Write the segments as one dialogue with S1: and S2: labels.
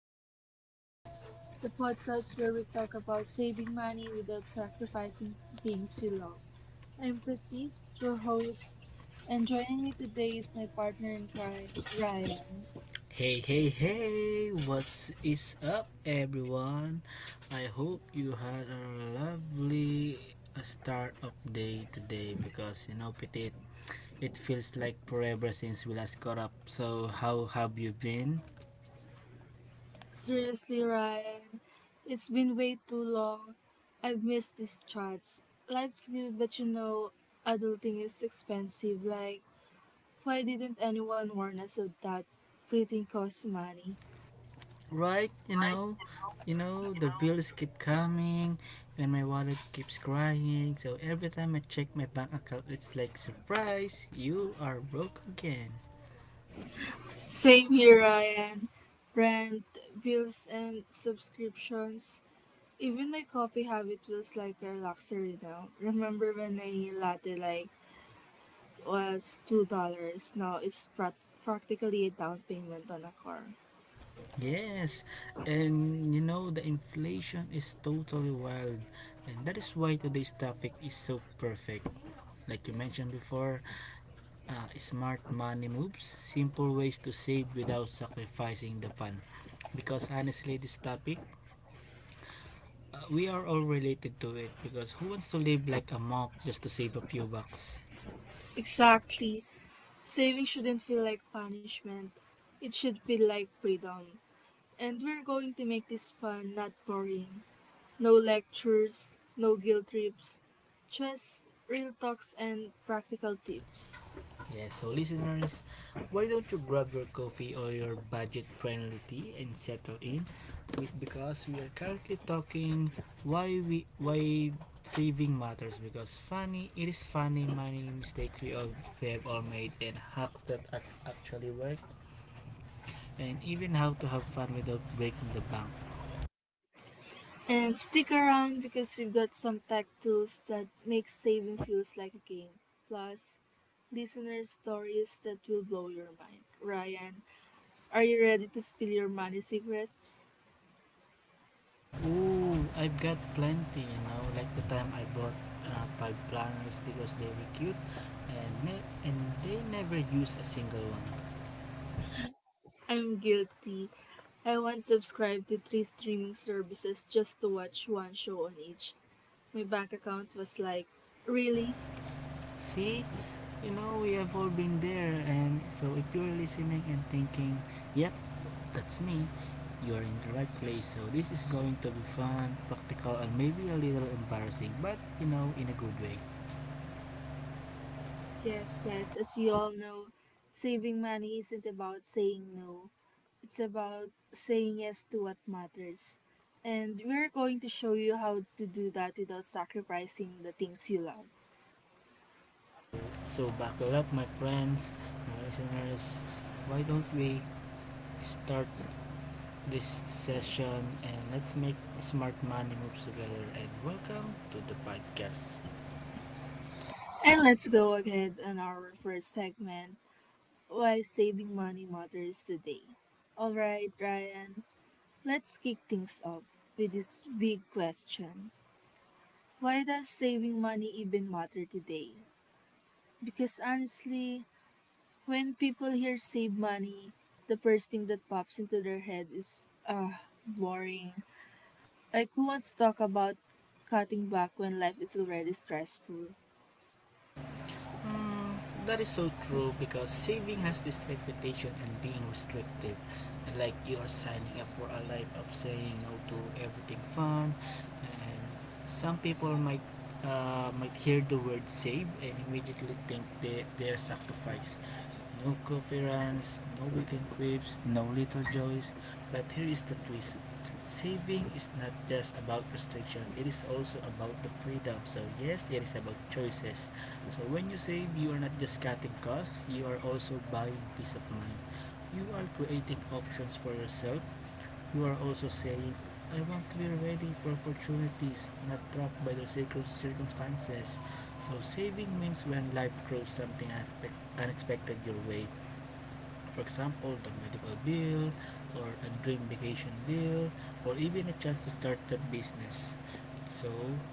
S1: Smart Money Moves, the podcast where we talk about saving money without sacrificing things you love. I'm Pratik, your host, and joining me today is my partner in crime, Ryan.
S2: Hey, hey, hey, what is up, everyone? I hope you had a lovely start of day today because you know, Petit, it feels like forever since we last caught up. So, how have you been?
S1: Seriously, Ryan, it's been way too long. I've missed this chat. Life's good, but you know, adulting is expensive. Like, why didn't anyone warn us of that? Printing costs money.
S2: Right, you know, the bills keep coming and my wallet keeps crying. So, every time I check my bank account, it's like, surprise, you are broke again.
S1: Same here, Ryan. Rent, bills, and subscriptions. Even my coffee habit feels like a luxury now. Remember when a latte like was $2? Now it's practically a down payment on a car.
S2: Yes, and you know the inflation is totally wild, and that is why today's topic is so perfect. Like you mentioned before, smart money moves, simple ways to save without sacrificing the fun. Because honestly, this topic, we are all related to it because who wants to live like a monk just to save a few bucks?
S1: Exactly. Saving shouldn't feel like punishment. It should feel like freedom. And we're going to make this fun, not boring. No lectures, no guilt trips, just real talks and practical tips.
S2: Yes, so listeners, why don't you grab your coffee or your budget friendly tea and settle in with, because we are currently talking why saving matters because funny it is funny many mistakes we have all made and hacks that actually work and even how to have fun without breaking the bank.
S1: And stick around because we've got some tech tools that make saving feels like a game. Plus, listener stories that will blow your mind. Ryan, are you ready to spill your money secrets?
S2: Ooh, I've got plenty, you know, like the time I bought five planners because they were cute and they never use a single one.
S1: I'm guilty. I once subscribed to three streaming services just to watch one show on each. My bank account was like, really?
S2: See, you know, we have all been there. And so, if you're listening and thinking, yep, that's me, you're in the right place. So, this is going to be fun, practical, and maybe a little embarrassing, but you know, in a good way.
S1: Yes, guys, as you all know, saving money isn't about saying no, it's about saying yes to what matters. And we're going to show you how to do that without sacrificing the things you love.
S2: So, so, buckle up, my friends, listeners. Why don't we start this session and let's make smart money moves together? And welcome to the podcast.
S1: And let's go ahead on our first segment, why saving money matters today. Alright, Ryan, let's kick things off with this big question. Why does saving money even matter today? Because honestly, when people hear save money, the first thing that pops into their head is, ah, boring. Like, who wants to talk about cutting back when life is already stressful?
S2: Mm, that is so true because saving has this reputation and being restrictive. Like you are signing up for a life of saying no to everything fun, and some people might hear the word save and immediately think they're sacrificed. No coffee runs, no weekend trips, no little joys. But here is the twist. Saving is not just about restriction, it is also about the freedom. So, yes, it is about choices. So, when you save, you are not just cutting costs, you are also buying peace of mind. You are creating options for yourself. You are also saying, I want to be ready for opportunities, not trapped by the circumstances. So, saving means when life throws something unexpected your way, for example, the medical bill, or a dream vacation bill, or even a chance to start a business. So,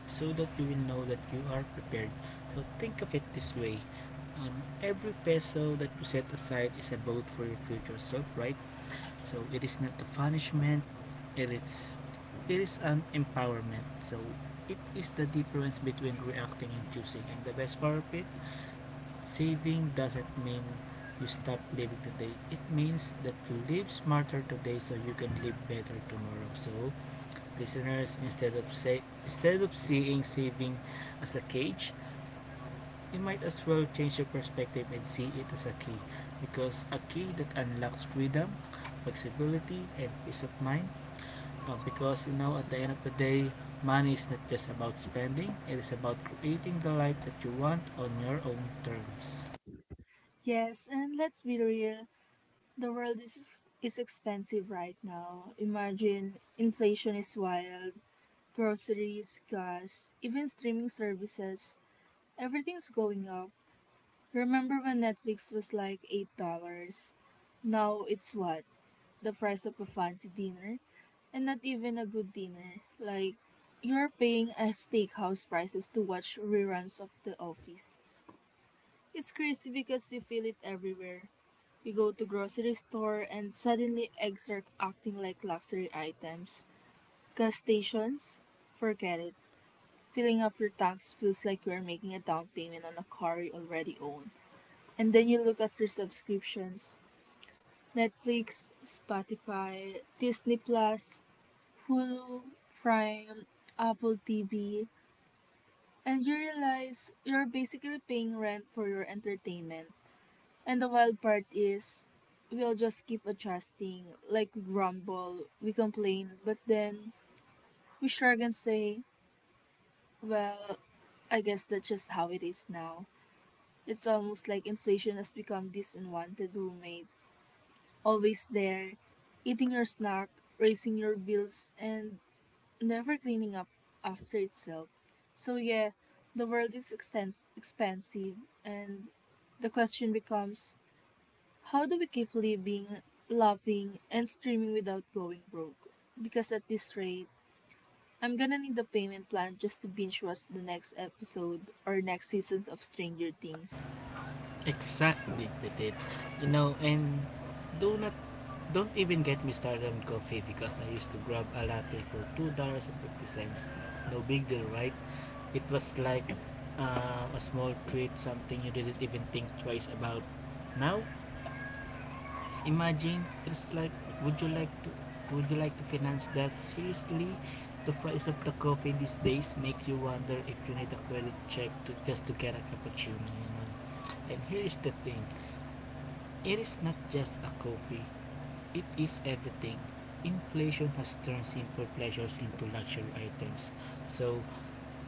S2: so that you will know that you are prepared. So, think of it this way. Every peso that you set aside is a vote for your future self, right? So, it is not a punishment, it is, it is an empowerment. So, it is the difference between reacting and choosing. And the best part of it, saving doesn't mean you stop living today. It means that you live smarter today so you can live better tomorrow. So, listeners, instead of seeing saving as a cage, you might as well change your perspective and see it as a key because a key that unlocks freedom, flexibility, and peace of mind. Because you know, at the end of the day, money is not just about spending; it is about creating the life that you want on your own terms.
S1: Yes, and let's be real, the world is expensive right now. Imagine inflation is wild, groceries, gas, even streaming services, everything's going up. Remember when Netflix was like $8? Now it's what? The price of a fancy dinner? And not even a good dinner. Like, you're paying a steakhouse prices to watch reruns of The Office. It's crazy because you feel it everywhere. You go to grocery store and suddenly eggs are acting like luxury items. Gas stations? Forget it. Filling up your tax feels like you're making a down payment on a car you already own. And then you look at your subscriptions: Netflix, Spotify, Disney Plus, Hulu, Prime, Apple TV, and you realize you're basically paying rent for your entertainment. And the wild part is, we'll just keep adjusting. Like we grumble, we complain, but then we shrug and say, well, I guess that's just how it is now. It's almost like inflation has become this unwanted roommate, always there, eating your snack, raising your bills, and never cleaning up after itself. So yeah, the world is expansive, and the question becomes, how do we keep living, loving, and streaming without going broke? Because at this rate, I'm gonna need a payment plan just to binge watch the next episode or next seasons of Stranger Things.
S2: Exactly, with it. You know, and do not don't even get me started on coffee because I used to grab a latte for $2 and 50 cents. No big deal, right? It was like a small treat, something you didn't even think twice about. Now, imagine it's like, would you like to would you like to finance that? Seriously, the price of the coffee these days makes you wonder if you need a credit check to just to get a cappuccino. You know. And here is the thing. It is not just a coffee, it is everything. Inflation has turned simple pleasures into luxury items. So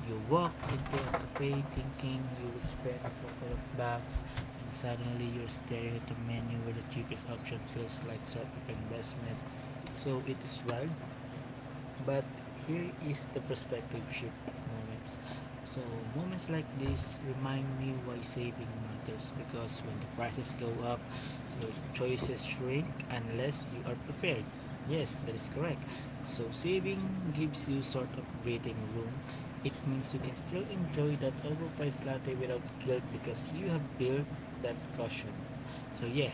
S2: you walk into a cafe thinking you will spend a couple of bucks and suddenly you're staring at a menu where the cheapest option feels like sort of investment. So it is wild. But here is the perspective shift moments. So moments like this remind me why saving matters because when the prices go up, your choices shrink unless you are prepared. Yes, that is correct. So saving gives you sort of breathing room. It means you can still enjoy that overpriced latte without guilt because you have built that caution. So yeah,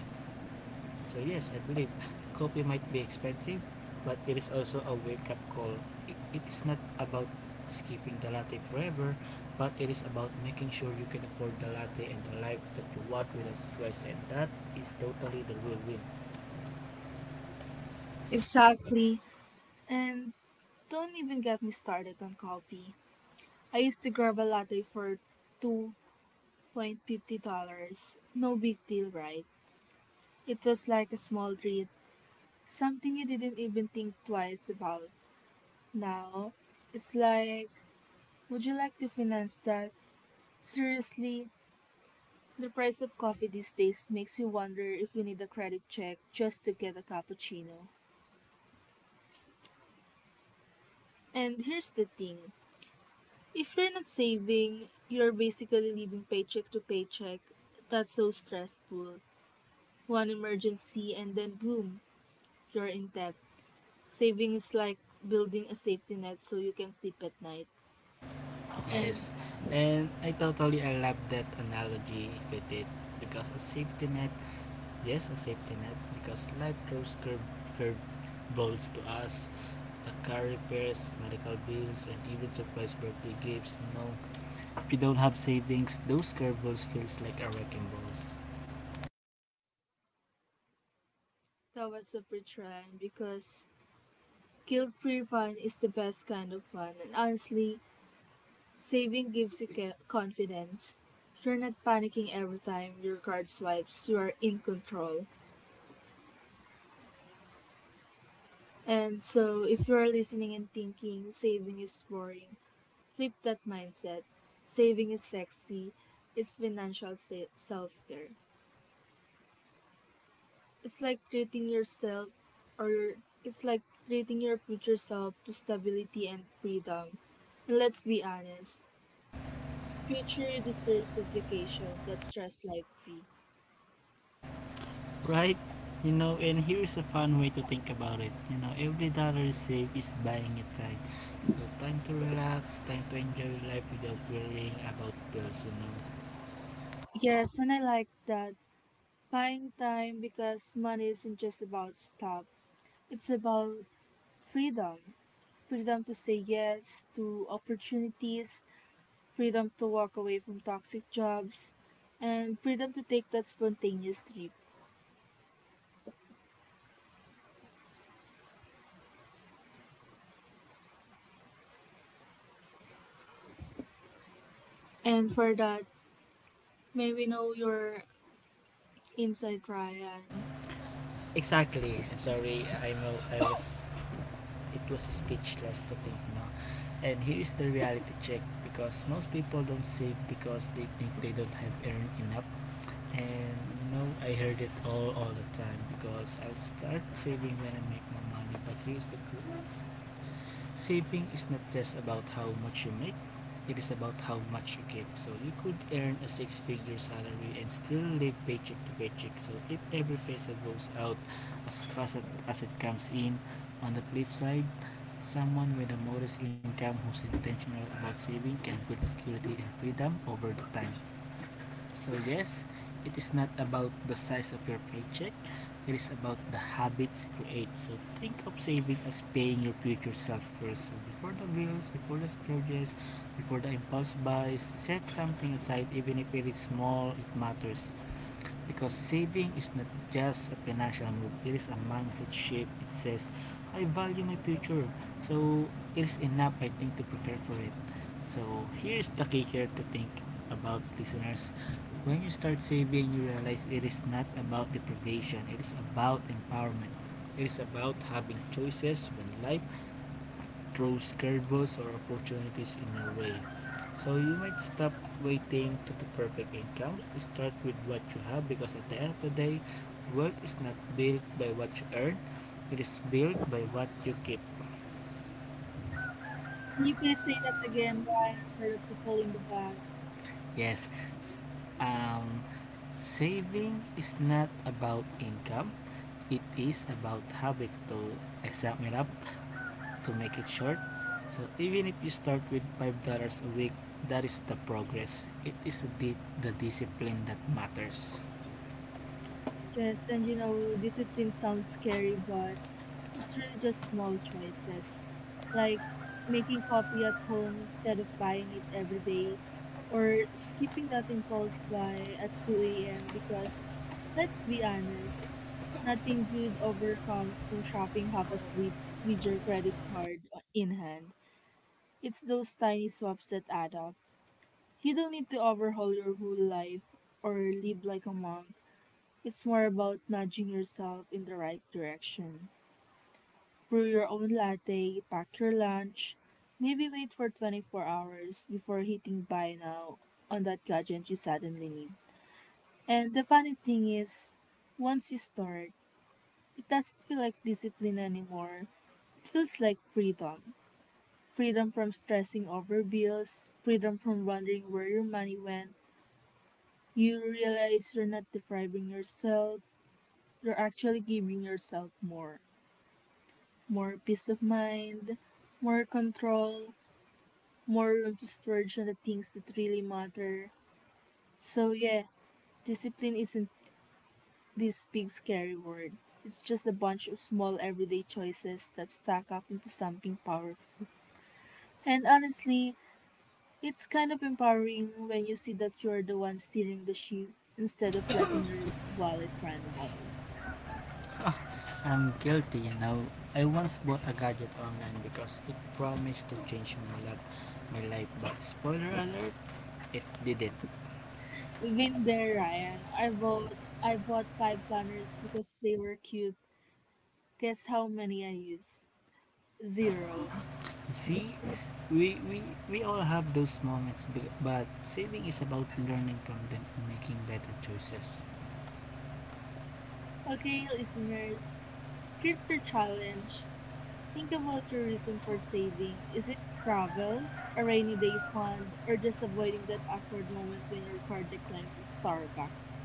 S2: so yes, I believe coffee might be expensive, but it is also a wake-up call. It is not about skipping the latte forever, but it is about making sure you can afford the latte and the life that you want without stress, and that is totally the real win.
S1: Exactly. And don't even get me started on coffee. I used to grab a latte for two point fifty dollars. No big deal, right? It was like a small treat, something you didn't even think twice about. Now, it's like, would you like to finance that? Seriously, the price of coffee these days makes you wonder if you need a credit check just to get a cappuccino. And here's the thing, if you're not saving, you're basically living paycheck to paycheck. That's so stressful. One emergency and then boom, you're in debt. Saving is like building a safety net so you can sleep at night. And
S2: Yes, and I love that analogy with it because a safety net, yes, a safety net because life throws curve balls to us. The car repairs, medical bills, and even surprise birthday gifts, you know. If you don't have savings, those curveballs feels like a wrecking balls.
S1: that was a big because guilt-free fun is the best kind of fun, and honestly, saving gives you confidence. You're not panicking every time your card swipes. You are in control. And so, if you are listening and thinking saving is boring, flip that mindset. Saving is sexy. It's financial self-care. It's like treating yourself, or it's like treating your future self to stability and freedom. And let's be honest, future deserves a vacation that's stress like free.
S2: Right? You know, and here is a fun way to think about it. You know, every dollar you save is buying you time. So time to relax, time to enjoy life without worrying about bills, you know.
S1: Yes, and I like that. Buying time because money isn't just about stuff. It's about freedom. Freedom to say yes to opportunities, freedom to walk away from toxic jobs, and freedom to take that spontaneous trip. And for that, may we know your insight, Ryan.
S2: Exactly. I'm sorry. I know I was it was speechless to think, no. And here is the reality check because most people don't save because they think they don't have earned enough, and you know I heard it all the time because I'll start saving when I make more money. But here's the truth, saving is not just about how much you make, it is about how much you keep. So you could earn a six figure salary and still live paycheck to paycheck so if every peso goes out as fast as- it comes in. On the flip side, someone with a modest income who's intentional about saving can build security and freedom over the time. So yes, it is not about the size of your paycheck. It is about the habits you create. So think of saving as paying your future self first. So before the bills, before the splurges, before the impulse buys, set something aside even if it is small, it matters. Because saving is not just a financial move, it is a mindset shift. It says, I value my future, so it is enough, I think, to prepare for it. So, here is the key here to think about, listeners. When you start saving, you realize it is not about deprivation, it is about empowerment. It is about having choices when life throws curveballs or opportunities in your way. So you might stop waiting to the perfect income. Start with what you have because at the end of the day, wealth is not built by what you earn. It is built by what you keep.
S1: Can you please say that again, Ryan, for the people in the back?
S2: Yes. Um, Saving is not about income. It is about habits to I sum it up to make it short. So even if you start with $5 a week, that is the progress. It is the discipline that matters.
S1: Yes, and you know, discipline sounds scary, but it's really just small choices, like making coffee at home instead of buying it every day, or skipping that impulse buy at 2 a.m. because, let's be honest, nothing good ever comes from shopping half asleep with your credit card in hand. It's those tiny swaps that add up. You don't need to overhaul your whole life or live like a monk. It's more about nudging yourself in the right direction. Brew your own latte, pack your lunch, maybe wait for 24 hours before hitting buy now on that gadget you suddenly need. And the funny thing is, once you start, it doesn't feel like discipline anymore. It feels like freedom. Freedom from stressing over bills, freedom from wondering where your money went. You realize you're not depriving yourself, you're actually giving yourself more. More peace of mind, more control, more room to splurge on the things that really matter. So, yeah, discipline isn't this big scary word. It's just a bunch of small everyday choices that stack up into something powerful. And honestly, it's kind of empowering when you see that you're the one steering the ship instead of letting your wallet run wild.
S2: I'm guilty, you know. I once bought a gadget online because it promised to change my life. But spoiler alert, it didn't.
S1: Been there, Ryan. I bought five planners because they were cute. Guess how many I used? Zero.
S2: See, we all have those moments, but saving is about learning from them and making better choices.
S1: Okay, listeners, here's your challenge. Think about your reason for saving. Is it travel, a rainy day fund, or just avoiding that awkward moment when your card declines at Starbucks?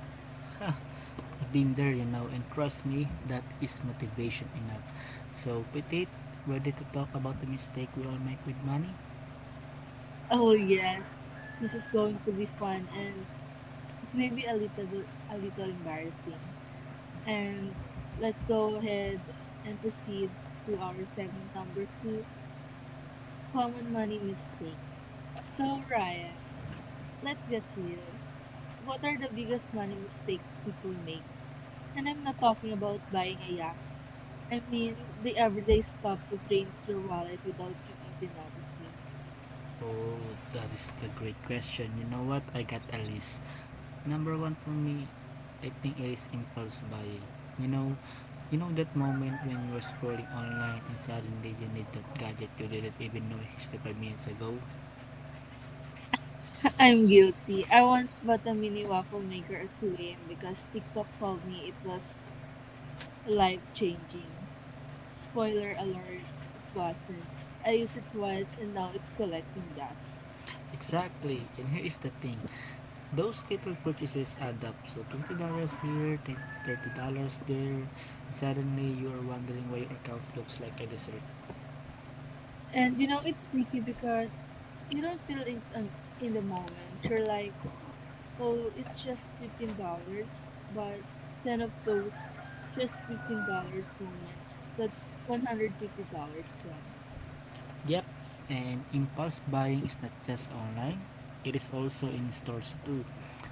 S2: I've been there, you know, and trust me, that is motivation enough. So, Petit, ready to talk about the mistake we all make with money?
S1: Oh yes, this is going to be fun and maybe a little embarrassing. And let's go ahead and proceed to our segment number two, common money mistake. So Ryan, let's get real. What are the biggest money mistakes people make? And I'm not talking about buying a yacht. I mean, the everyday stuff that drains your wallet without you even noticing.
S2: Oh, that is the great question. You know what? I got a list. Number one for me, I think it is impulse buying. You know, you know that moment when you are scrolling online and suddenly you need that gadget you didn't even know 5 minutes ago?
S1: I'm guilty. I once bought a mini waffle maker at 2 a.m. because TikTok told me it was life changing. Spoiler alert, it wasn't. I used it twice and now it's collecting dust.
S2: Exactly. And here is the thing. Those little purchases add up. So $20 here, then $30 there. Suddenly you are wondering why your account looks like a desert.
S1: And you know, it's sneaky because you don't feel it in the moment. You're like, oh, it's just $15, but ten of those just $15 moments. That's $150 gone.
S2: Yep, and impulse buying is not just online, it is also in stores too.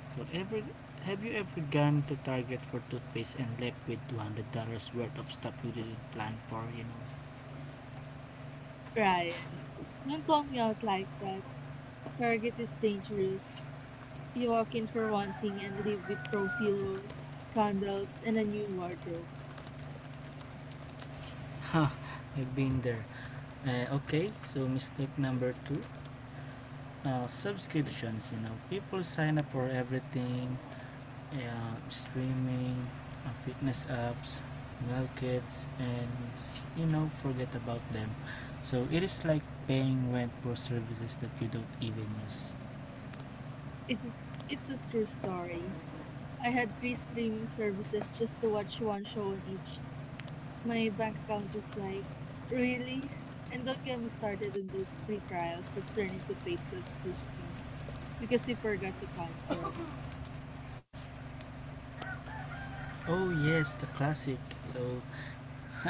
S2: So ever have you ever gone to Target for toothpaste and left with $200 worth of stuff you didn't plan for, you know?
S1: Ryan, don't call me out like that. Target is dangerous. You walk in for one thing and leave with throw pillows, candles, and a new wardrobe.
S2: Huh, I've been there. Okay, so mistake number two, subscriptions. You know, people sign up for everything, yeah, streaming, fitness apps, meal kits, and you know, forget about them. So it is like paying rent for services that you don't even use.
S1: It's a, it's a true story. I had three streaming services just to watch one show on each. My bank account was like, really? And don't get me started on those free trials that turn into paid subscription because you forgot to cancel.
S2: Oh yes, the classic. So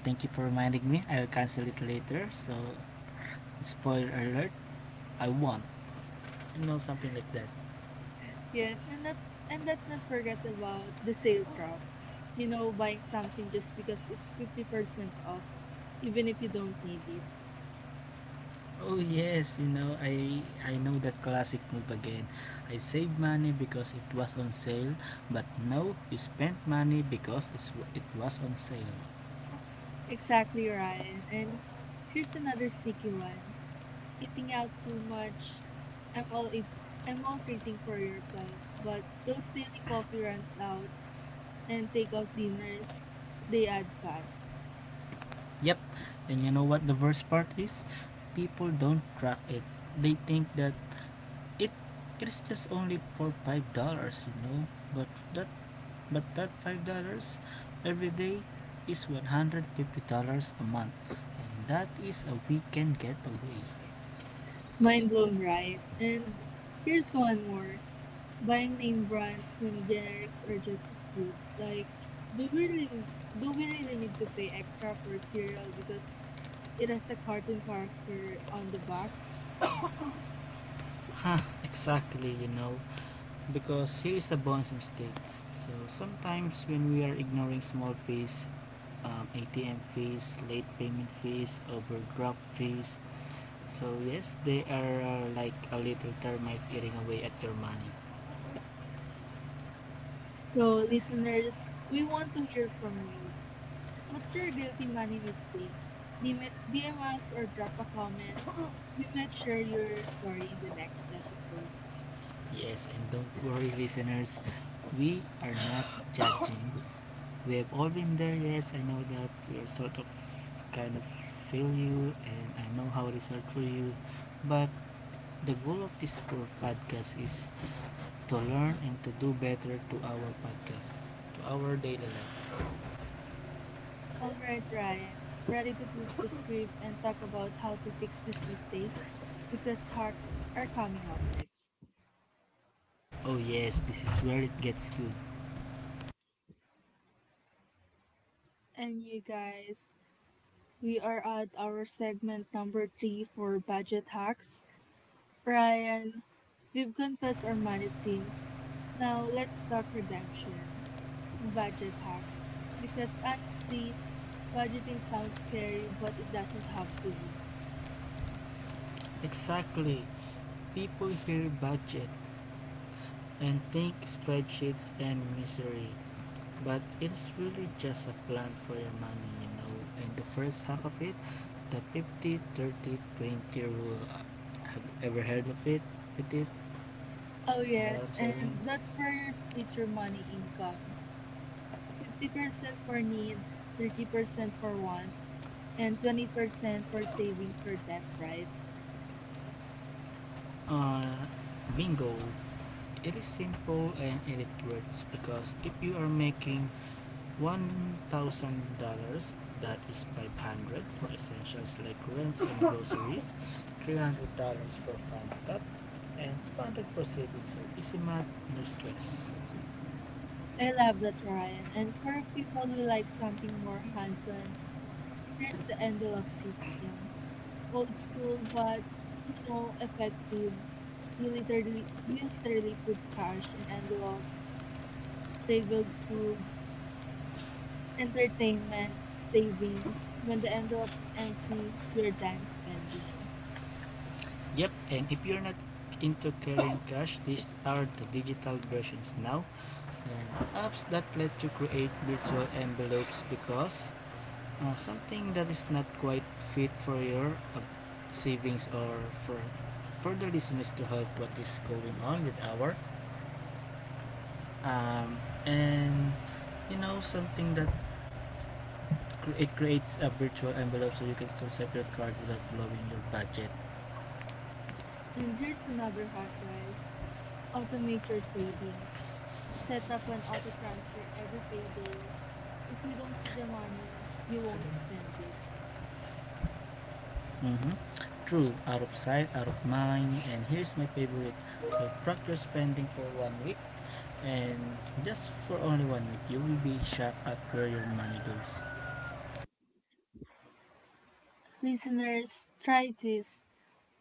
S2: thank you for reminding me. I'll cancel it later. So spoiler alert, I won. You know, something like that.
S1: Yes, and let's not forget about the sale trap. You know, buying something just because it's 50% off, even if you don't need it.
S2: Oh yes, you know, I know that classic move again. I saved money because it was on sale, but no, you spent money because it was on sale.
S1: Exactly, Ryan. And here's another sticky one. Eating out too much. I'm all eat, I'm all treating for yourself, but those daily coffee runs out and takeout dinners, they add fast.
S2: Yep. And you know what the worst part is? People don't track it. They think that it it is just only for five dollars. But that that $5 every day is $150 a month, and that is a weekend getaway.
S1: Mind blown, right? And here's one more. Buying name brands when generics are just as good. Like, do we really, do we really need to pay extra for cereal because it has a cartoon character on the box?
S2: Exactly. Because here is a bonus mistake. So sometimes when we are ignoring small fees, ATM fees, late payment fees, overdraft fees. So yes, they are like a little termites eating away at your money.
S1: So, listeners, we want to hear from you. What's your guilty money mistake? DM DM us or drop a comment. We might share your story in the next episode.
S2: Yes, and don't worry, listeners, we are not judging. We have all been there. Yes, I know that we are sort of kind of feel you, and I know how it is hard for you. But the goal of this podcast is to learn and to do better to our podcast, to our daily life.
S1: All right, Ryan. Ready to flip the script and talk about how to fix this mistake? Because hacks are coming up next.
S2: Oh, yes, this is where it gets good.
S1: And you guys, we are at our segment number three for budget hacks. Ryan, we've confessed our money sins. Now let's talk redemption, budget hacks. Because honestly, budgeting sounds scary, but it doesn't have to be.
S2: Exactly. People hear budget and think spreadsheets and misery, but it's really just a plan for your money. And the first hack of it, the 50/30/20 30 20 rule. Have you ever heard of it? With it?
S1: Oh
S2: You know what
S1: yes,
S2: I'm
S1: and
S2: saying?
S1: that's where your split your money income. 50% for needs, 30% for wants, and 20% for savings or debt, right?
S2: Uh, bingo. It is simple and it works because if you are making $1,000, that is 500 for essentials like rents and groceries, $300 for fun stuff, and 200 for savings. So easy math, no stress.
S1: I love that, Ryan. And for people who like something more hands-on, there's the envelope system. Old school, but, you know, effective. You literally put cash in envelopes, labeled food, entertainment, savings. When the envelope's empty, you're done spending.
S2: Yep, and if you're not into carrying cash, these are the digital versions now, and apps that let you create virtual envelopes because something that is not quite fit for your savings, or for for the listeners to help what is going on with our um, and you know something that it creates a virtual envelope so you can still swipe your card without blowing your budget.
S1: And here's another hack, guys. Automate your savings. Set up an auto transfer every payday. If you don't see the money, you won't
S2: Mm-hmm.
S1: spend it.
S2: True. Out of sight, out of mind. And here's my favorite. So track your spending for one week, and just for only one week, you will be shocked at where your money goes.
S1: Listeners, try this.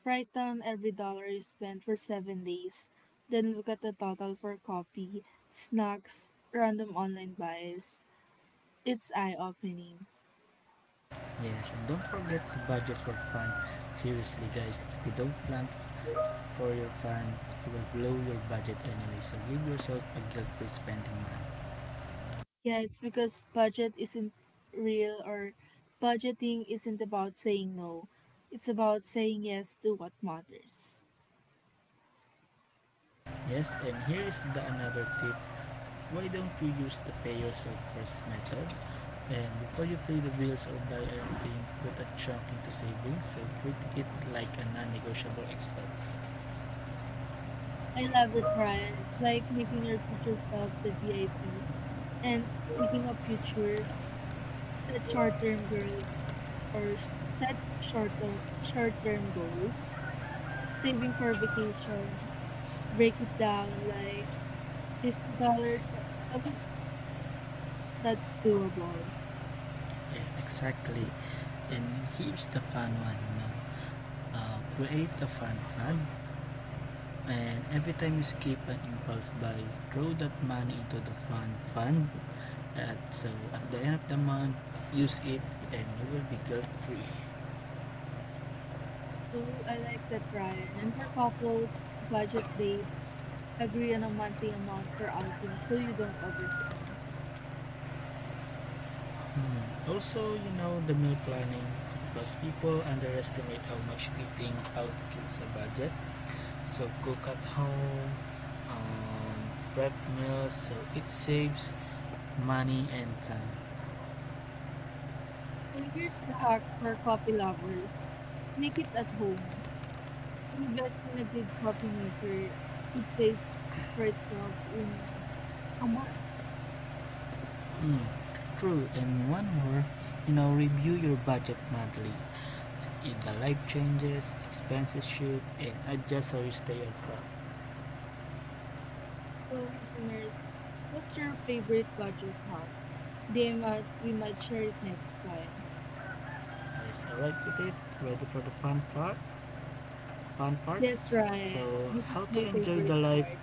S1: Write down every dollar you spend for 7 days. Then look at the total for coffee, snacks, random online buys. It's eye opening.
S2: Yes, and don't forget to budget for fun. Seriously, guys, if you don't plan for your fun, you will blow your budget anyway, so give yourself a guilt-free spending money.
S1: Yes, because real or budgeting isn't about saying no. It's about saying yes to what matters.
S2: Yes, and here is the another tip. Why don't you use the pay yourself first method? And before you pay the bills or buy anything, put a chunk into savings. So treat it like a non-negotiable expense.
S1: I love that, Brian. It's like making your future self the VIP. And speaking of future, set short-term goals set short-term goals. Saving for vacation, break it down like $50 a week. That's doable.
S2: Yes, exactly. And here's the fun one. No? Create a fun fund. And every time you skip an impulse buy, throw that money into the fun fund. So at the end of the month, use it and you will be guilt-free.
S1: So I like that, Brian. And for couples, budget dates, agree on a monthly amount for outings so you don't overspend.
S2: Mm. Also, you know, the meal planning, because people underestimate how much eating out kills a budget. So cook at home, um, prep meals, so it saves money and time.
S1: And here's the hack for coffee lovers. Make it at home. Invest in a good coffee maker. It pays for itself in a month.
S2: Mm. True. And one more, you know, review your budget monthly. If the life changes, expenses shift, and adjust so you stay on track.
S1: So listeners, what's your favorite budget hack? DM us, we might share it next time.
S2: Yes, alright with it. Ready for the fun part? Fun part.
S1: Yes, Ryan,
S2: So,
S1: this is
S2: how to
S1: my
S2: enjoy
S1: favorite
S2: the life?
S1: part.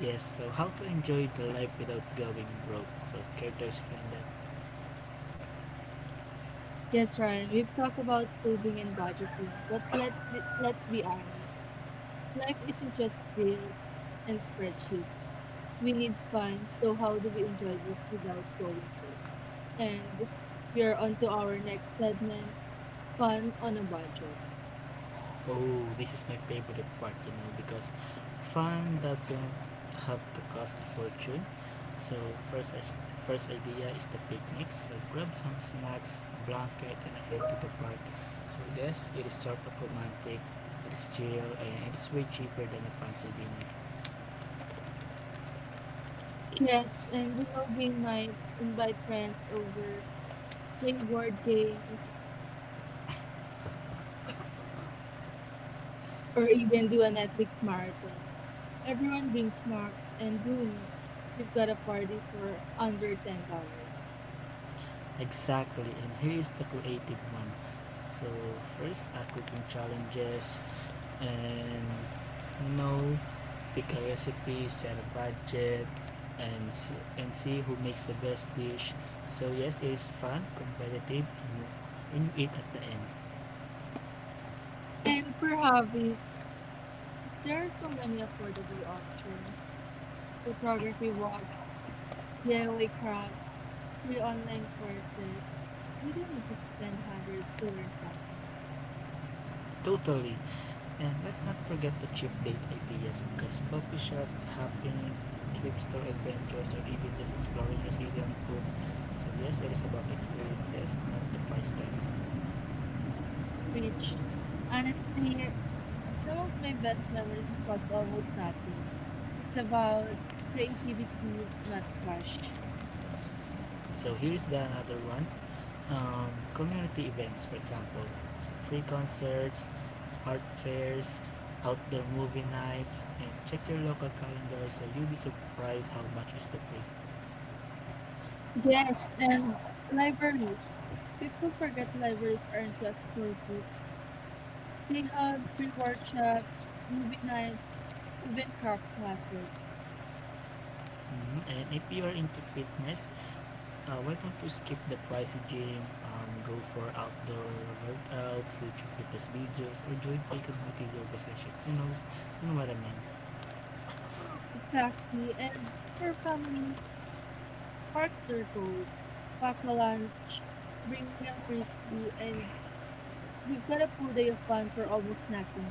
S2: Yes, so how to enjoy the life without going broke. So care to explain that?
S1: Yes, Ryan, we've talked about saving and budgeting, but let's be honest. Life isn't just bills and spreadsheets. We need fun, so how do we enjoy this without going broke? And we are on to our next segment, fun on a budget.
S2: Oh, this is my favorite part, because fun doesn't have to cost a fortune. So first, first idea is the picnics. So grab some snacks, blanket, and head to the park. So yes, it is sort of romantic. It is chill and it is way cheaper than a fancy dinner.
S1: Yes, and you know, game nights, invite friends over, play board games, or even do a Netflix marathon. Everyone brings snacks, and boom, you've got a party for under $10.
S2: Exactly, and here is the creative one. So first, cooking challenges. And you know pick a recipe, set a budget, and and see who makes the best dish. So yes, it is fun, competitive, and you eat at the end.
S1: And for hobbies, there are so many affordable options. Photography walks, DIY crafts, free online courses. You don't need to spend hundreds to learn something.
S2: Totally. And let's not forget the cheap date ideas, because coffee shop hopping, trip store adventures, or even just exploring Brazilian food. So yes, it is about experiences, not the price tags.
S1: Preach. Honestly, some of my best memories cost almost nothing. It's about creativity, not cash.
S2: So here's the another one. um, community events, for example, free concerts, art fairs, outdoor movie nights, and check your local calendar, so you'll be surprised how much is the free.
S1: Yes, and libraries. People forget libraries aren't just for books. They have free workshops, movie nights, even craft classes.
S2: Mm-hmm. And if you're into fitness, why don't you skip the pricey gym, go for outdoor workouts, YouTube fitness videos, or join free community yoga sessions? You know what I mean.
S1: Exactly. And for families, parks are gold. Pack a lunch, bring a frisbee, and you've got a full day of fun for almost nothing.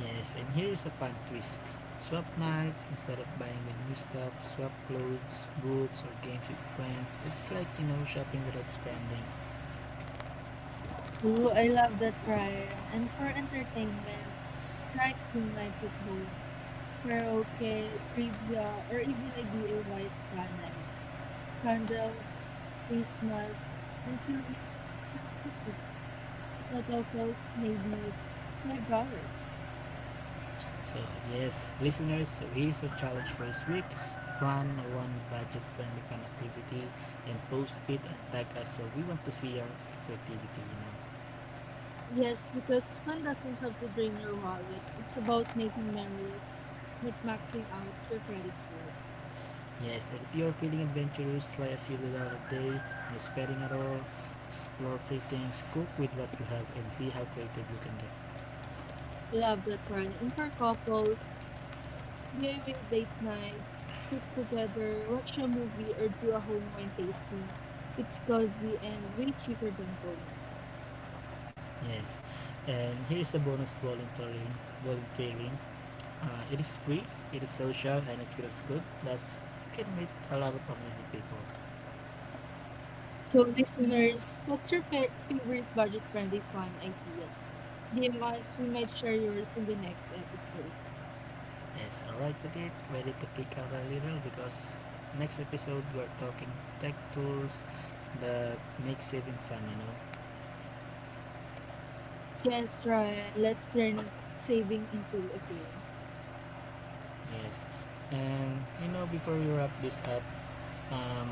S2: Yes, and here is a fun twist. Swap nights, instead of buying the new stuff, swap clothes, books, or games with friends. It's like, shopping without spending.
S1: Ooh, I love that, Ryan. And for entertainment, try team nights at home, karaoke, trivia, or even a DIY spa night. Candles, face masks, and chill, chill music. Total cost maybe $5.
S2: So, yes, listeners, so here's a challenge for this week. Plan one budget friendly fun activity and post it and tag us, so we want to see your creativity.
S1: Yes, because fun doesn't have to drain your wallet. It's about making memories, not maxing out your credit card.
S2: Yes, and if you're feeling adventurous, try a $0 a day, no spending at all. Explore free things, cook with what you have, and see how creative you can get.
S1: Love that, Ryan. And for couples, DIY date nights, cook together, watch a movie, or do a home wine tasting. It's cozy and way cheaper than going out.
S2: Yes, and here is the bonus volunteering. Volunteering, it is free, it is social, and it feels good. Plus, you can meet a lot of amazing people.
S1: So, listeners, what's your favorite budget-friendly fun idea? DM us. We might share yours in the next episode.
S2: Yes, alright with it. Ready to kick out a little, because next episode we're talking tech tools that make saving fun.
S1: Yes, Ryan, saving into a game.
S2: Yes, and before we wrap this up, um,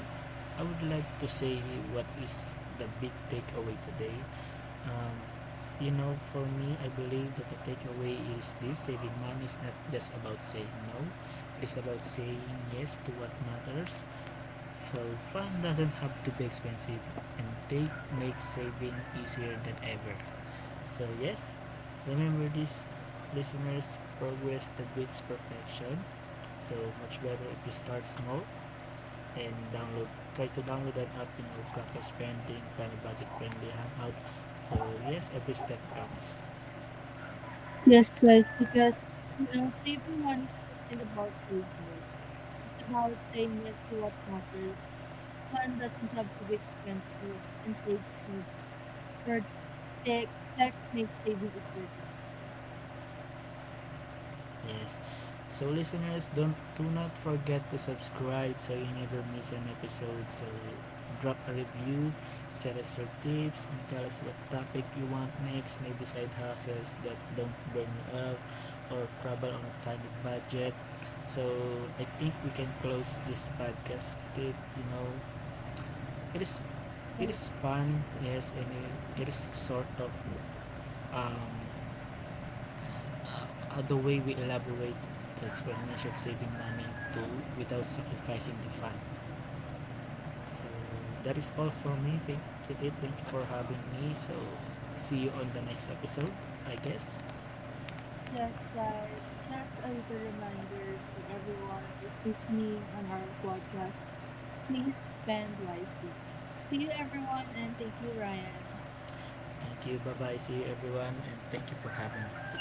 S2: I would like to say what is the big takeaway today. um, for me, I believe that the takeaway is this: saving money is not just about saying no, it is about saying yes to what matters. So fun doesn't have to be expensive, and take makes saving easier than ever. So yes, remember this, listeners: progress that beats perfection. So much better if you start small, and download try to download that app, trackers spending, plan a budget friendly hangout. So yes, every step counts.
S1: Yes, guys, because you know, saving money isn't about saying no. It's about saying yes to what matters. Fun doesn't have to be expensive, and takes makes or tech tech makes saving easier than ever.
S2: Yes, so listeners, don't, do not forget to subscribe so you never miss an episode. So drop a review, send us your tips, and tell us what topic you want next. Maybe side hustles that don't burn you out, or travel on a tiny budget. So I think we can close this podcast with it you know it is It
S1: Yes.
S2: is fun, yes, and it is sort of um, the way we elaborate the explanation of saving money too, without sacrificing the fun. So that is all for me. Thank you for having me. So see you on the next episode, I guess.
S1: Yes, guys, just a little reminder for everyone who's listening on our podcast. Please spend wisely. See you, everyone, and thank you, Ryan.
S2: Thank you. Bye bye. See you, everyone, and thank you for having me.